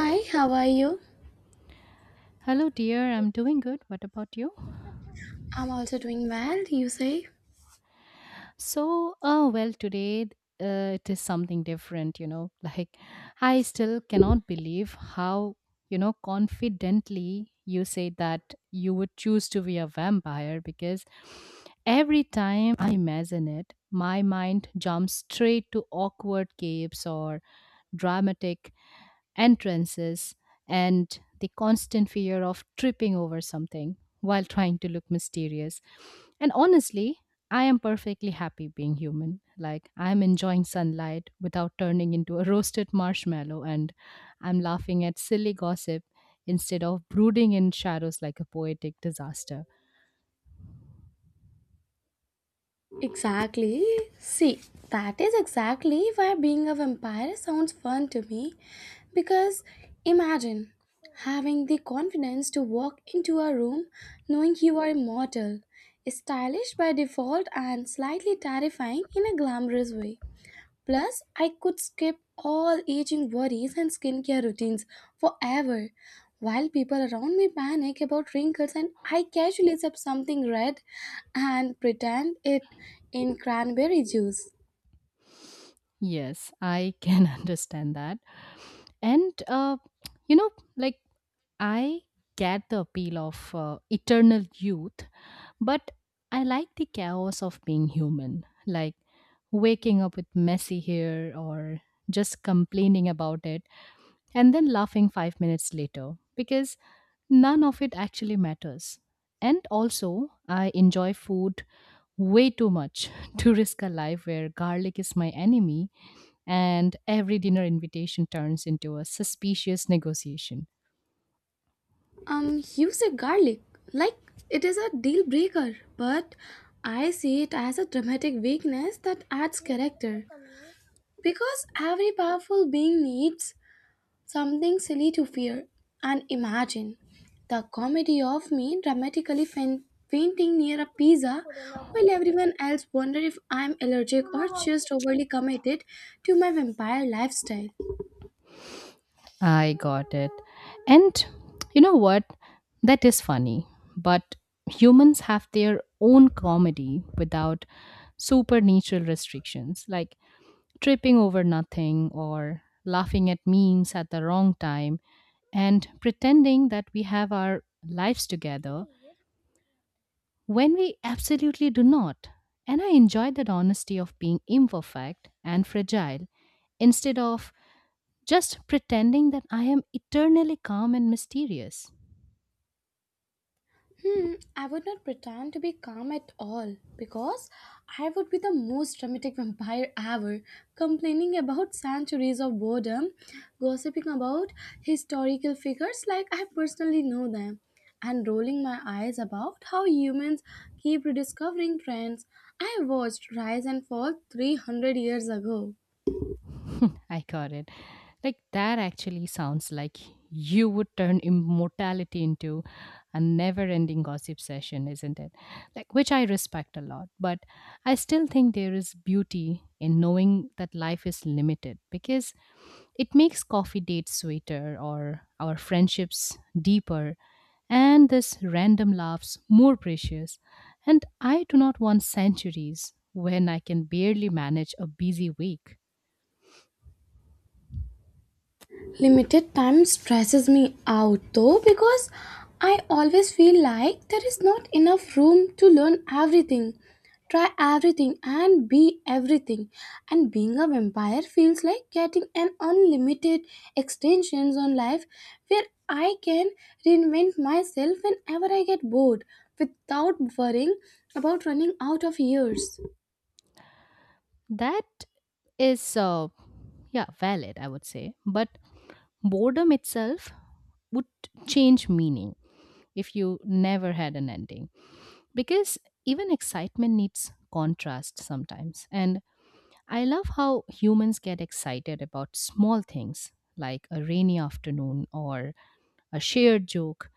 Hi, how are you? Hello, dear. I'm doing good. What about you? I'm also doing well, you say? So, well, today it is something different. Like, I still cannot believe how, confidently you say that you would choose to be a vampire because every time I imagine it, my mind jumps straight to awkward capes or dramatic entrances, and the constant fear of tripping over something while trying to look mysterious. And honestly, I am perfectly happy being human. Like, I'm enjoying sunlight without turning into a roasted marshmallow, and I'm laughing at silly gossip instead of brooding in shadows like a poetic disaster. Exactly. See, that is exactly why being a vampire sounds fun to me. Because imagine having the confidence to walk into a room knowing you are immortal, stylish by default, and slightly terrifying in a glamorous way. Plus, I could skip all aging worries and skincare routines forever. While people around me panic about wrinkles, and I casually sip something red and pretend it in cranberry juice. Yes, I can understand that. And, you know, like I get the appeal of eternal youth, but I like the chaos of being human, like waking up with messy hair or just complaining about it and then laughing 5 minutes later because none of it actually matters. And also, I enjoy food way too much to risk a life where garlic is my enemy and every dinner invitation turns into a suspicious negotiation. You said garlic, like it is a deal breaker, but I see it as a dramatic weakness that adds character. Because every powerful being needs something silly to fear and imagine. The comedy of me dramatically fainting near a pizza while everyone else wonder if I'm allergic or just overly committed to my vampire lifestyle. I got it. And you know what? That is funny. But humans have their own comedy without supernatural restrictions, like tripping over nothing or laughing at memes at the wrong time and pretending that we have our lives together when we absolutely do not. And I enjoy that honesty of being imperfect and fragile instead of just pretending that I am eternally calm and mysterious. Hmm, I would not pretend to be calm at all because I would be the most dramatic vampire ever, complaining about centuries of boredom, gossiping about historical figures like I personally know them, and rolling my eyes about how humans keep rediscovering trends I watched rise and fall 300 years ago. I got it. Like that actually sounds like you would turn immortality into a never-ending gossip session, isn't it? Like, which I respect a lot, but I still think there is beauty in knowing that life is limited because it makes coffee dates sweeter or our friendships deeper and this random laughs more precious. And I do not want centuries when I can barely manage a busy week. Limited time stresses me out though because I always feel like there is not enough room to learn everything, try everything, and be everything. And being a vampire feels like getting an unlimited extensions on life where I can reinvent myself whenever I get bored without worrying about running out of years. That is, yeah, valid, I would say. But boredom itself would change meaning if you never had an ending. Because even excitement needs contrast sometimes. And I love how humans get excited about small things like a rainy afternoon or a shared joke,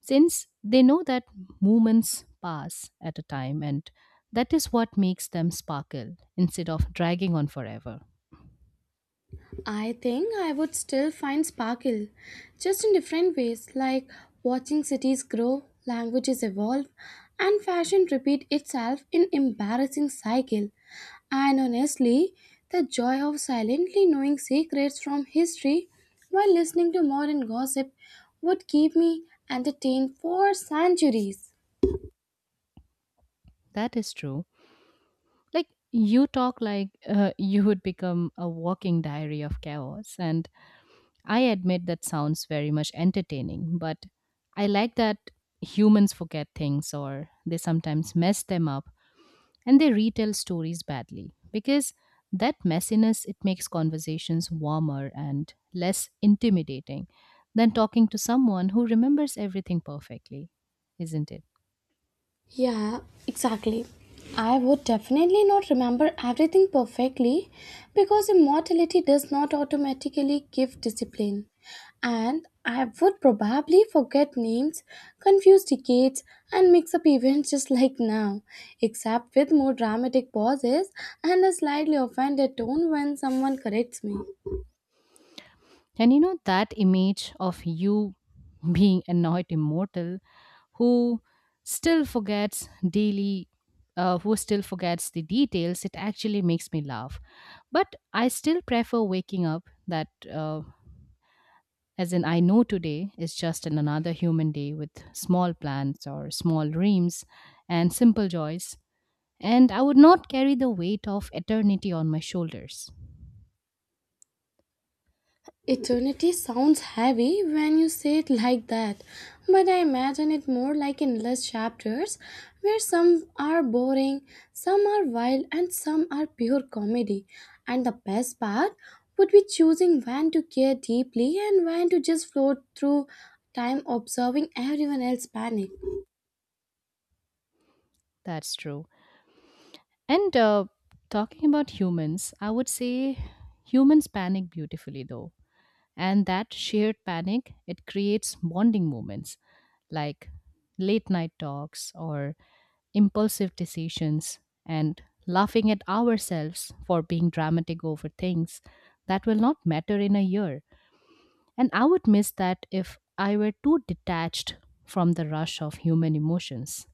since they know that moments pass at a time and that is what makes them sparkle instead of dragging on forever. I think I would still find sparkle, just in different ways, like watching cities grow, languages evolve, and fashion repeat itself in embarrassing cycle. And honestly, the joy of silently knowing secrets from history while listening to modern gossip would keep me entertained for centuries. That is true. Like, you talk like you would become a walking diary of chaos, and I admit that sounds very much entertaining. But I like that humans forget things or they sometimes mess them up, and they retell stories badly because that messiness, it makes conversations warmer and less intimidating than talking to someone who remembers everything perfectly, isn't it? Yeah, exactly. I would definitely not remember everything perfectly because immortality does not automatically give discipline. And I would probably forget names, confuse decades, and mix up events just like now, except with more dramatic pauses and a slightly offended tone when someone corrects me. And you know that image of you being annoyed immortal who still forgets daily who still forgets the details, it actually makes me laugh. But I still prefer waking up that as in, I know today is just an another human day with small plans or small dreams and simple joys, and I would not carry the weight of eternity on my shoulders. Eternity sounds heavy when you say it like that, but I imagine it more like endless chapters where some are boring, some are wild, and some are pure comedy. And the best part would be choosing when to care deeply and when to just float through time observing everyone else panic. That's true. And talking about humans, I would say humans panic beautifully though, and that shared panic, it creates bonding moments like late night talks or impulsive decisions and laughing at ourselves for being dramatic over things that will not matter in a year. And I would miss that if I were too detached from the rush of human emotions.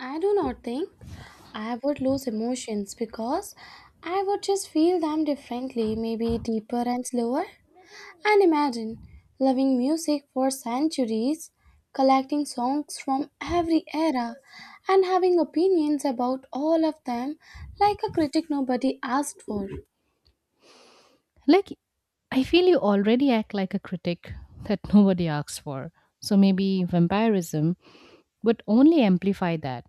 I do not think I would lose emotions because I would just feel them differently, maybe deeper and slower. And imagine loving music for centuries, collecting songs from every era, and having opinions about all of them like a critic nobody asked for. Like, I feel you already act like a critic that nobody asks for, so maybe vampirism would only amplify that.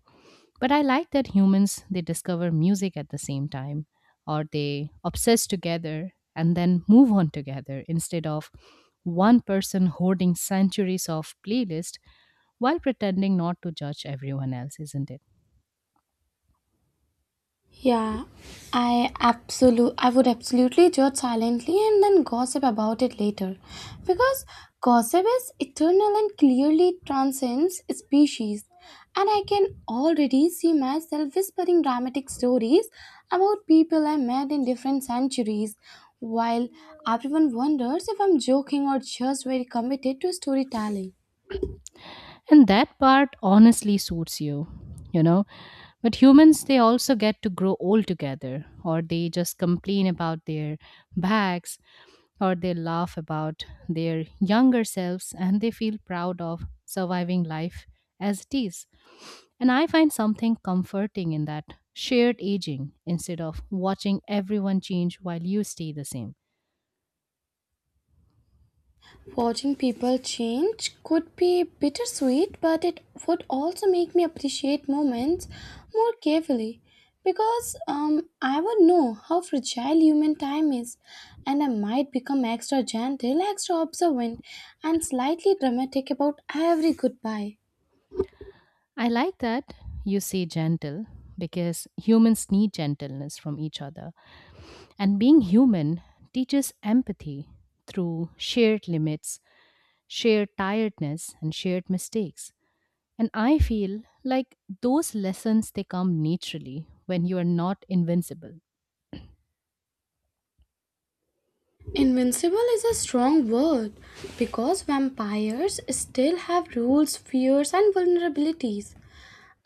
But I like that humans, they discover music at the same time or they obsess together and then move on together instead of one person hoarding centuries of playlist while pretending not to judge everyone else, isn't it? Yeah, I absolute I would absolutely judge silently and then gossip about it later. Because gossip is eternal and clearly transcends species. And I can already see myself whispering dramatic stories about people I met in different centuries, while everyone wonders if I'm joking or just very committed to storytelling. And that part honestly suits you, you know. But humans, they also get to grow old together, or they just complain about their backs, or they laugh about their younger selves, and they feel proud of surviving life as it is. And I find something comforting in that shared aging instead of watching everyone change while you stay the same. Watching people change could be bittersweet, but it would also make me appreciate moments more carefully because I would know how fragile human time is and I might become extra gentle, extra observant, and slightly dramatic about every goodbye. I like that you say gentle because humans need gentleness from each other. And being human teaches empathy through shared limits, shared tiredness, and shared mistakes. And I feel like those lessons, they come naturally when you are not invincible. Invincible is a strong word because vampires still have rules, fears, and vulnerabilities.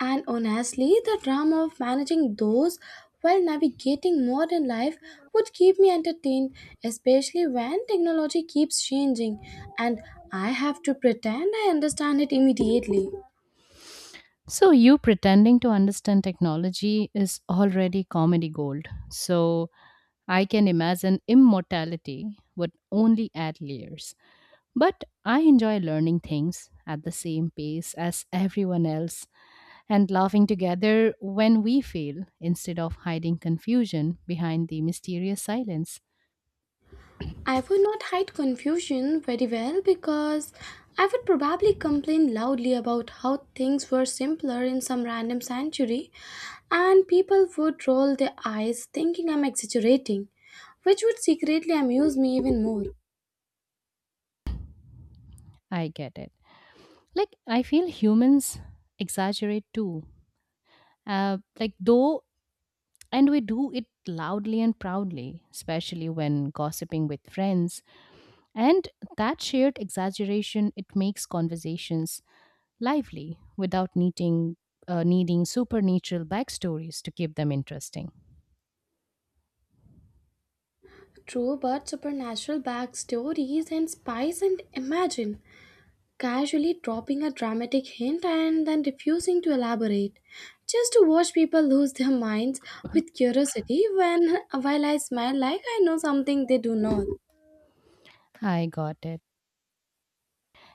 And honestly, the drama of managing those while navigating modern life would keep me entertained, especially when technology keeps changing and I have to pretend I understand it immediately. So, you pretending to understand technology is already comedy gold. So I can imagine immortality would only add layers. But I enjoy learning things at the same pace as everyone else and laughing together when we fail instead of hiding confusion behind the mysterious silence. I would not hide confusion very well because I would probably complain loudly about how things were simpler in some random century, and people would roll their eyes thinking I'm exaggerating, which would secretly amuse me even more. I get it. Like, I feel humans exaggerate too. Like, though, and we do it loudly and proudly, especially when gossiping with friends. And that shared exaggeration, it makes conversations lively without needing supernatural backstories to keep them interesting. True, but supernatural backstories and spice and imagine casually dropping a dramatic hint and then refusing to elaborate, just to watch people lose their minds with curiosity when while I smile like I know something they do not. I got it.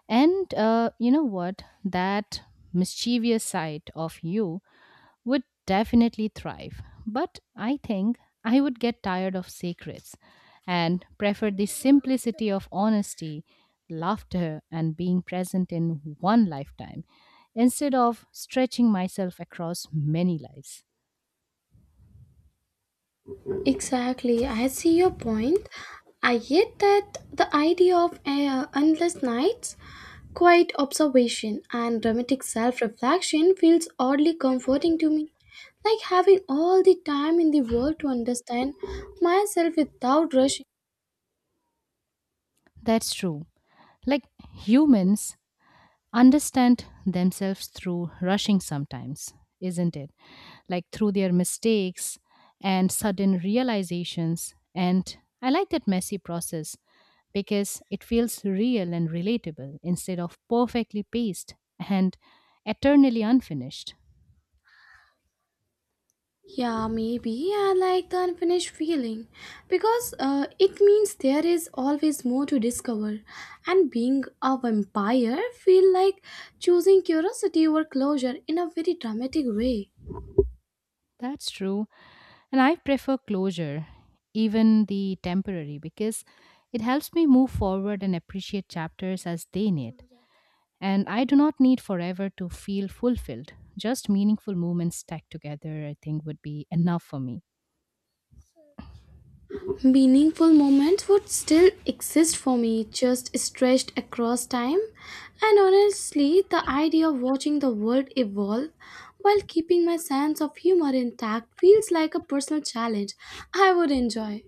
And you know what? That mischievous side of you would definitely thrive. But I think I would get tired of secrets and prefer the simplicity of honesty, laughter, and being present in one lifetime instead of stretching myself across many lives. Exactly, I see your point. I get that the idea of endless nights, quiet observation and dramatic self reflection feels oddly comforting to me, like having all the time in the world to understand myself without rushing. That's true. Like, humans understand themselves through rushing sometimes, isn't it? Like, through their mistakes and sudden realizations. And I like that messy process because it feels real and relatable instead of perfectly paced and eternally unfinished. Yeah, maybe I like the unfinished feeling because it means there is always more to discover, and being a vampire feel like choosing curiosity over closure in a very dramatic way. That's true. And I prefer closure, even the temporary, because it helps me move forward and appreciate chapters as they need. And I do not need forever to feel fulfilled. Just meaningful moments stacked together, I think, would be enough for me. Meaningful moments would still exist for me, just stretched across time. And honestly, the idea of watching the world evolve while keeping my sense of humor intact feels like a personal challenge I would enjoy.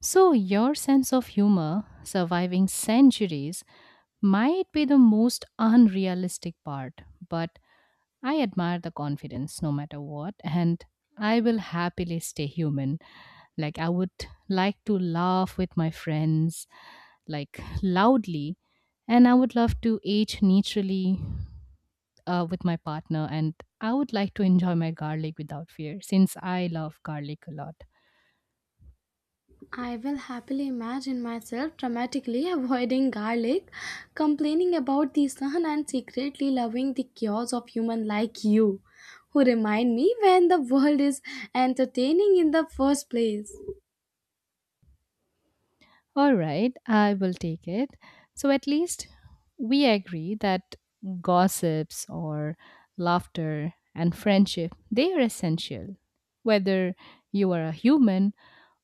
So, your sense of humor surviving centuries might be the most unrealistic part, but I admire the confidence no matter what, and I will happily stay human. Like, I would like to laugh with my friends, like, loudly, and I would love to age naturally with my partner, and I would like to enjoy my garlic without fear since I love garlic a lot. I will happily imagine myself dramatically avoiding garlic, complaining about the sun, and secretly loving the chaos of human like you, who remind me when the world is entertaining in the first place. All right, I will take it. So, at least we agree that gossips or laughter and friendship, they are essential whether you are a human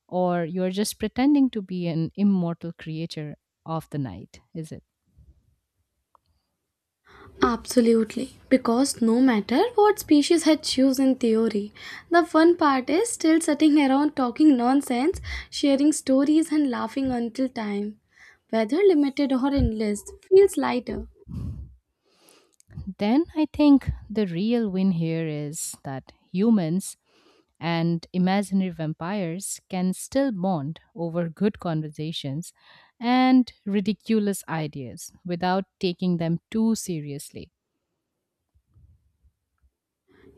or you're just pretending to be an immortal creature of the night, is it? Absolutely, because no matter what species I choose in theory, the fun part is still sitting around talking nonsense, sharing stories, and laughing until time, whether limited or endless, feels lighter. Then I think the real win here is that humans and imaginary vampires can still bond over good conversations and ridiculous ideas without taking them too seriously.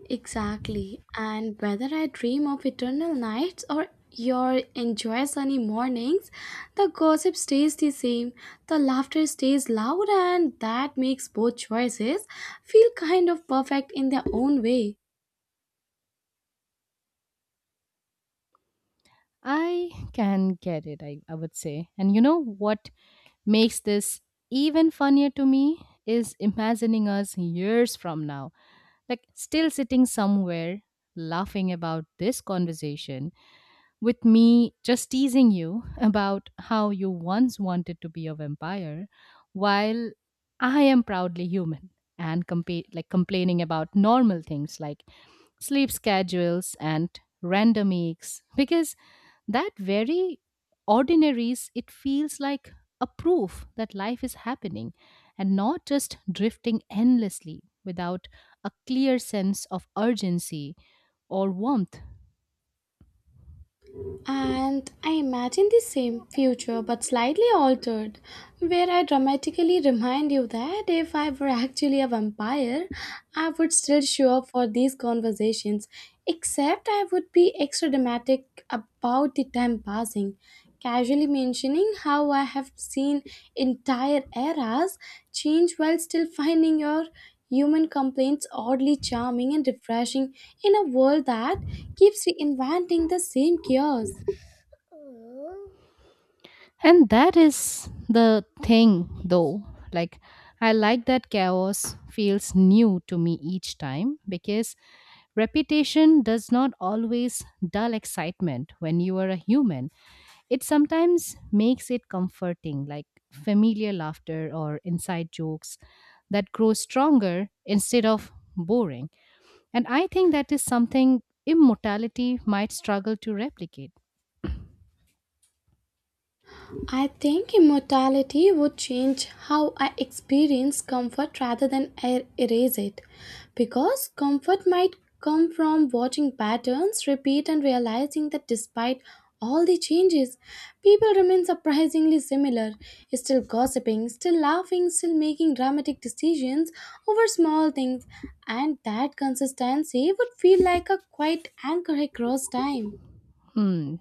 Exactly, and whether I dream of eternal nights or your enjoy sunny mornings, the gossip stays the same, the laughter stays loud, and that makes both choices feel kind of perfect in their own way. I can get it, I would say. And you know what makes this even funnier to me is imagining us years from now, like still sitting somewhere laughing about this conversation with me just teasing you about how you once wanted to be a vampire while I am proudly human and like complaining about normal things like sleep schedules and random aches because that very ordinaries, it feels like a proof that life is happening and not just drifting endlessly without a clear sense of urgency or warmth. And I imagine the same future, but slightly altered, where I dramatically remind you that if I were actually a vampire, I would still show up for these conversations, except I would be extra dramatic about the time passing, casually mentioning how I have seen entire eras change while still finding your human complaints oddly charming and refreshing in a world that keeps reinventing the same chaos. And that is the thing, though. Like, I like that chaos feels new to me each time because reputation does not always dull excitement when you are a human. It sometimes makes it comforting, like familiar laughter or inside jokes that grow stronger instead of boring. And I think that is something immortality might struggle to replicate. I think immortality would change how I experience comfort rather than erase it. Because comfort might come from watching patterns repeat and realizing that despite all the changes, people remain surprisingly similar, still gossiping, still laughing, still making dramatic decisions over small things, and that consistency would feel like a quiet anchor across time. Hmm,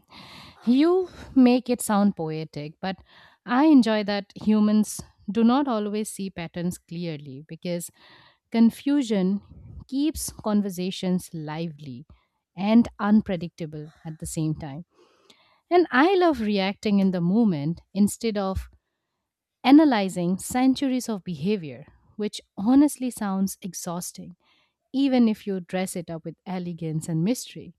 you make it sound poetic, but I enjoy that humans do not always see patterns clearly because confusion keeps conversations lively and unpredictable at the same time. And I love reacting in the moment instead of analyzing centuries of behavior, which honestly sounds exhausting, even if you dress it up with elegance and mystery.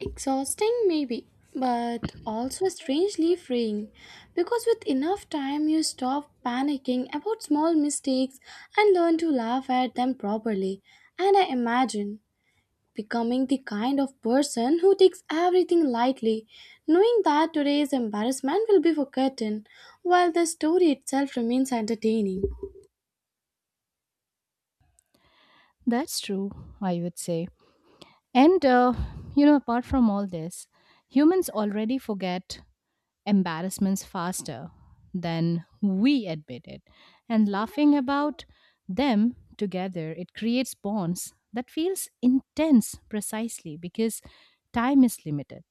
Exhausting, maybe, but also strangely freeing because with enough time you stop panicking about small mistakes and learn to laugh at them properly. And I imagine becoming the kind of person who takes everything lightly, knowing that today's embarrassment will be forgotten while the story itself remains entertaining. That's true, I would say. And, apart from all this, humans already forget embarrassments faster than we admit it. And laughing about them together, it creates bonds that feels intense precisely because time is limited.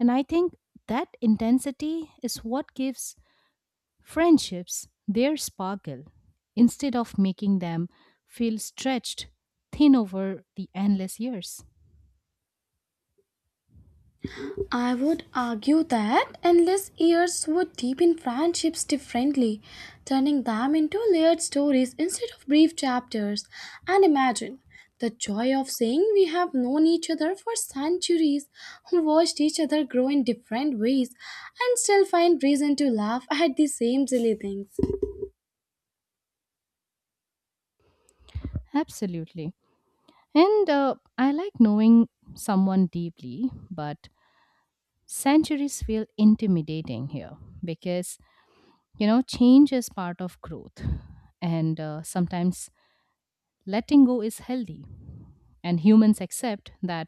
And I think that intensity is what gives friendships their sparkle instead of making them feel stretched thin over the endless years. I would argue that endless years would deepen friendships differently, turning them into layered stories instead of brief chapters. And imagine the joy of saying we have known each other for centuries, watched each other grow in different ways, and still find reason to laugh at the same silly things. Absolutely. And I like knowing someone deeply, but centuries feel intimidating here because, change is part of growth. And sometimes letting go is healthy. And humans accept that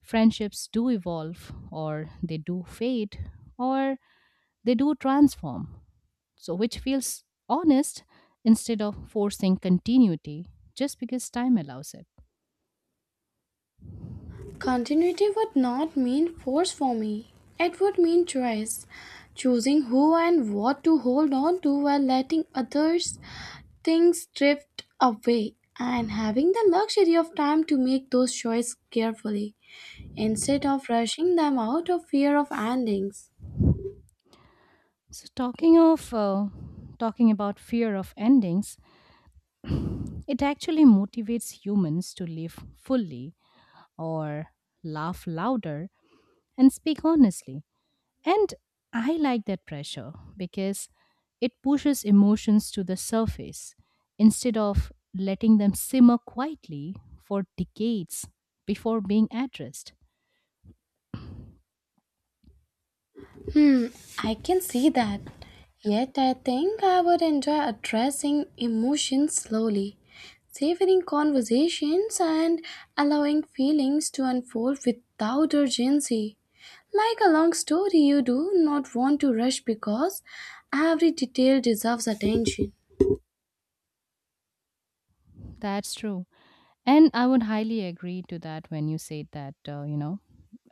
friendships do evolve, or they do fade, or they do transform. So, which feels honest instead of forcing continuity just because time allows it. Continuity would not mean force for me, it would mean choice, choosing who and what to hold on to while letting others things drift away, and having the luxury of time to make those choices carefully instead of rushing them out of fear of endings. So, talking about fear of endings, it actually motivates humans to live fully or laugh louder and speak honestly. And I like that pressure because it pushes emotions to the surface instead of letting them simmer quietly for decades before being addressed. Hmm, I can see that. Yet I think I would enjoy addressing emotions slowly, savoring conversations, and allowing feelings to unfold without urgency. Like a long story, you do not want to rush because every detail deserves attention. That's true. And I would highly agree to that when you say that, uh, you know,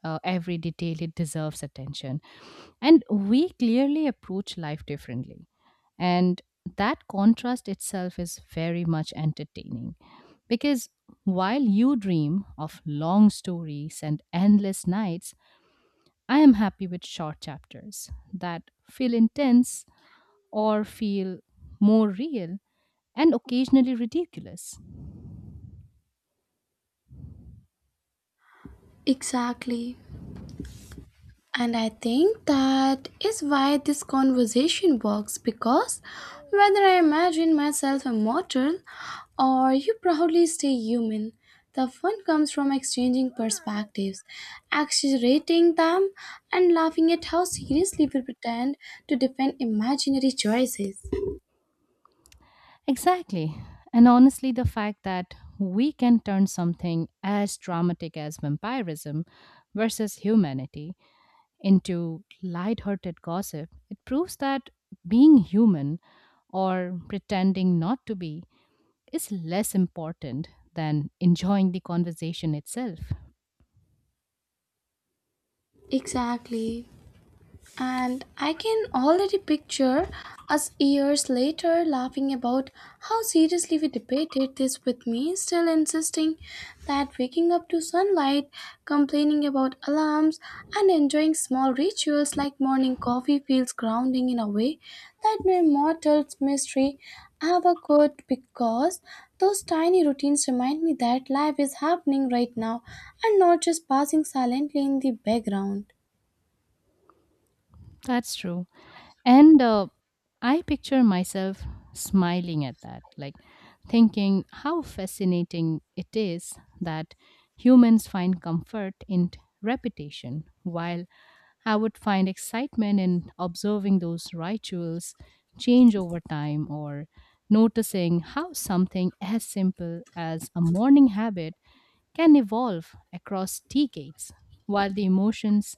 uh, every detail, it deserves attention. And we clearly approach life differently. And that contrast itself is very much entertaining because while you dream of long stories and endless nights, I am happy with short chapters that feel intense or feel more real and occasionally ridiculous. Exactly. And I think that is why this conversation works because whether I imagine myself immortal, or you proudly stay human, the fun comes from exchanging perspectives, exaggerating them, and laughing at how seriously we pretend to defend imaginary choices. Exactly. And honestly, the fact that we can turn something as dramatic as vampirism versus humanity into light-hearted gossip, it proves that being human or pretending not to be is less important than enjoying the conversation itself. Exactly. And I can already picture us years later laughing about how seriously we debated this, with me still insisting that waking up to sunlight, complaining about alarms, and enjoying small rituals like morning coffee feels grounding in a way that no mortal mystery ever could, because those tiny routines remind me that life is happening right now and not just passing silently in the background. That's true. And I picture myself smiling at that, like thinking how fascinating it is that humans find comfort in repetition, while I would find excitement in observing those rituals change over time or noticing how something as simple as a morning habit can evolve across decades, while the emotions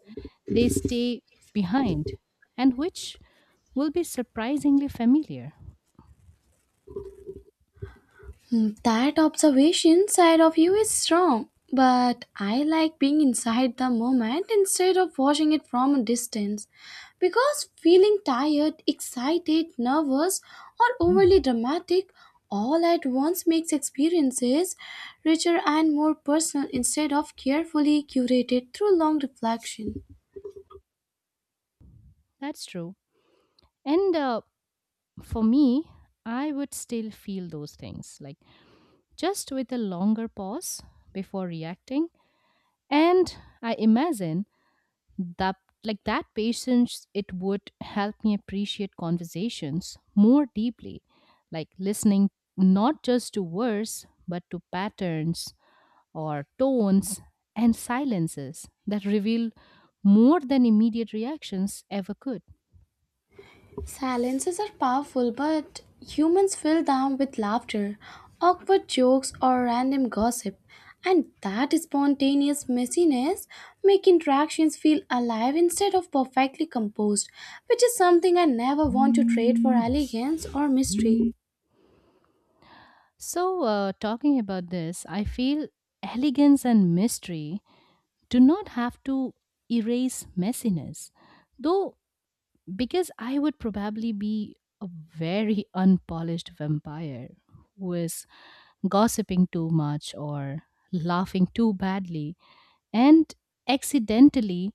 they stay behind and which will be surprisingly familiar. Hmm, that observation side of you is strong, but I like being inside the moment instead of watching it from a distance because feeling tired, excited, nervous, or overly dramatic all at once makes experiences richer and more personal instead of carefully curated through long reflection. That's true. And For me, I would still feel those things, like just with a longer pause before reacting. And I imagine that like that patience it would help me appreciate conversations more deeply, like listening not just to words but to patterns or tones and silences that reveal more than immediate reactions ever could. Silences are powerful, but humans fill them with laughter, awkward jokes, or random gossip. And that spontaneous messiness make interactions feel alive instead of perfectly composed, which is something I never want to trade for elegance or mystery. Talking about this, I feel elegance and mystery do not have to erase messiness though, because I would probably be a very unpolished vampire who is gossiping too much or laughing too badly and accidentally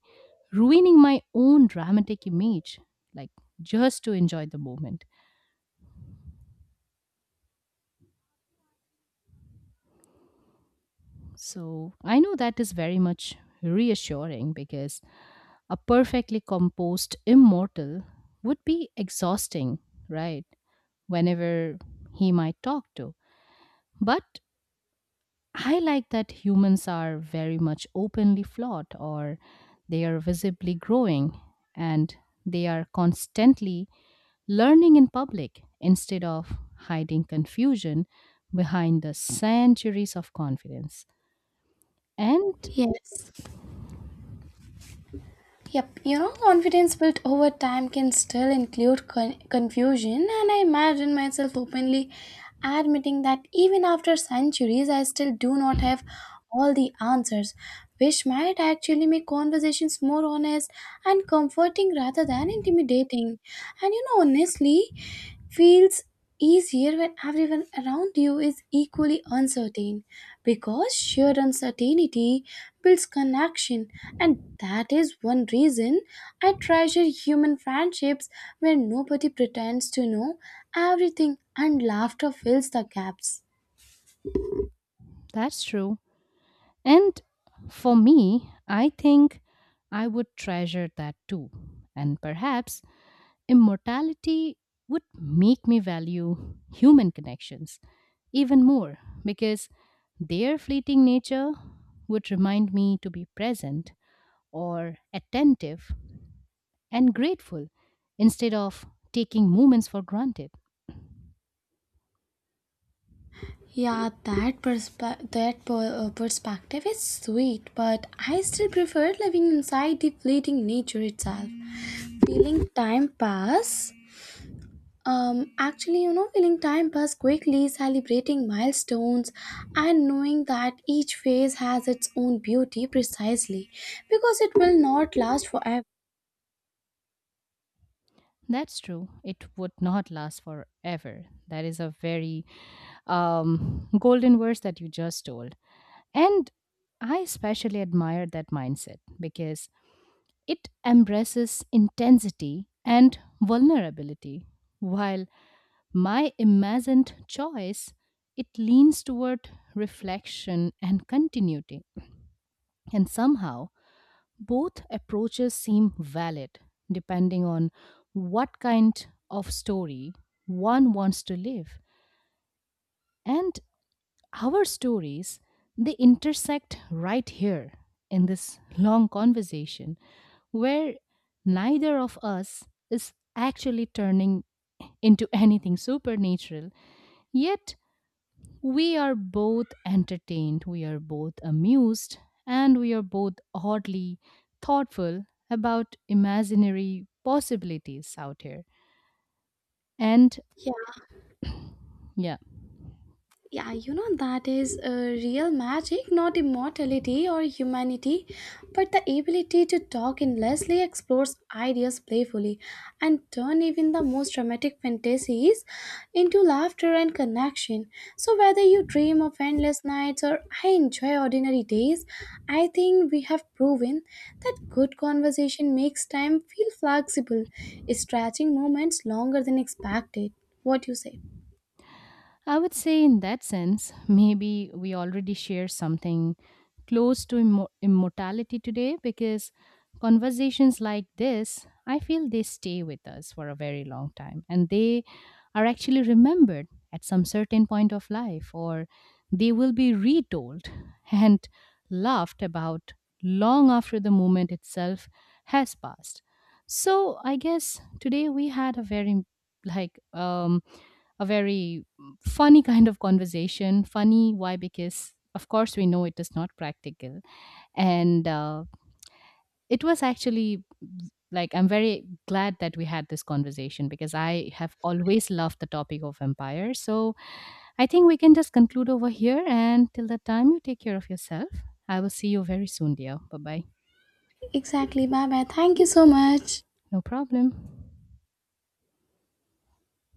ruining my own dramatic image, like just to enjoy the moment. So I know that is very much reassuring because a perfectly composed immortal would be exhausting, right? Whenever he might talk to. But I like that humans are very much openly flawed or they are visibly growing and they are constantly learning in public instead of hiding confusion behind the centuries of confidence. And Yes. Yep, you know, confidence built over time can still include confusion, and I imagine myself openly admitting that even after centuries, I still do not have all the answers, which might actually make conversations more honest and comforting rather than intimidating. And you know, honestly, feels easier when everyone around you is equally uncertain, because shared uncertainty builds connection, and that is one reason I treasure human friendships where nobody pretends to know everything and laughter fills the gaps. that's true. And for me, I think I would treasure that too. And perhaps immortality would make me value human connections even more because their fleeting nature would remind me to be present or attentive and grateful instead of taking moments for granted. Yeah, that perspective is sweet, but I still prefer living inside the fleeting nature itself, feeling time pass. Actually, you know, feeling time pass quickly, celebrating milestones, and knowing that each phase has its own beauty precisely because it will not last forever. That's true. It would not last forever. That is a very golden verse that you just told. And I especially admire that mindset because it embraces intensity and vulnerability, while my imagined choice it leans toward reflection and continuity. And somehow both approaches seem valid depending on what kind of story one wants to live, and our stories they intersect right here in this long conversation where neither of us is actually turning into anything supernatural, yet we are both entertained, we are both amused, and we are both oddly thoughtful about imaginary possibilities out here. And Yeah. yeah, Yeah, you know, that is real magic, not immortality or humanity, but the ability to talk endlessly, explore ideas playfully, and turn even the most dramatic fantasies into laughter and connection. So whether you dream of endless nights or I enjoy ordinary days, I think we have proven that good conversation makes time feel flexible, stretching moments longer than expected. What you say? I would say, in that sense, maybe we already share something close to immortality today because conversations like this, I feel they stay with us for a very long time and they are actually remembered at some certain point of life, or they will be retold and laughed about long after the moment itself has passed. So, I guess today we had a very like um a very funny kind of conversation. Funny, why? Because of course we know it is not practical, and it was actually like I'm very glad that we had this conversation because I have always loved the topic of empire. So I think we can just conclude over here, and till that time, you take care of yourself. I will see you very soon, dear. Bye bye. Exactly. Bye bye. Thank you so much. No problem.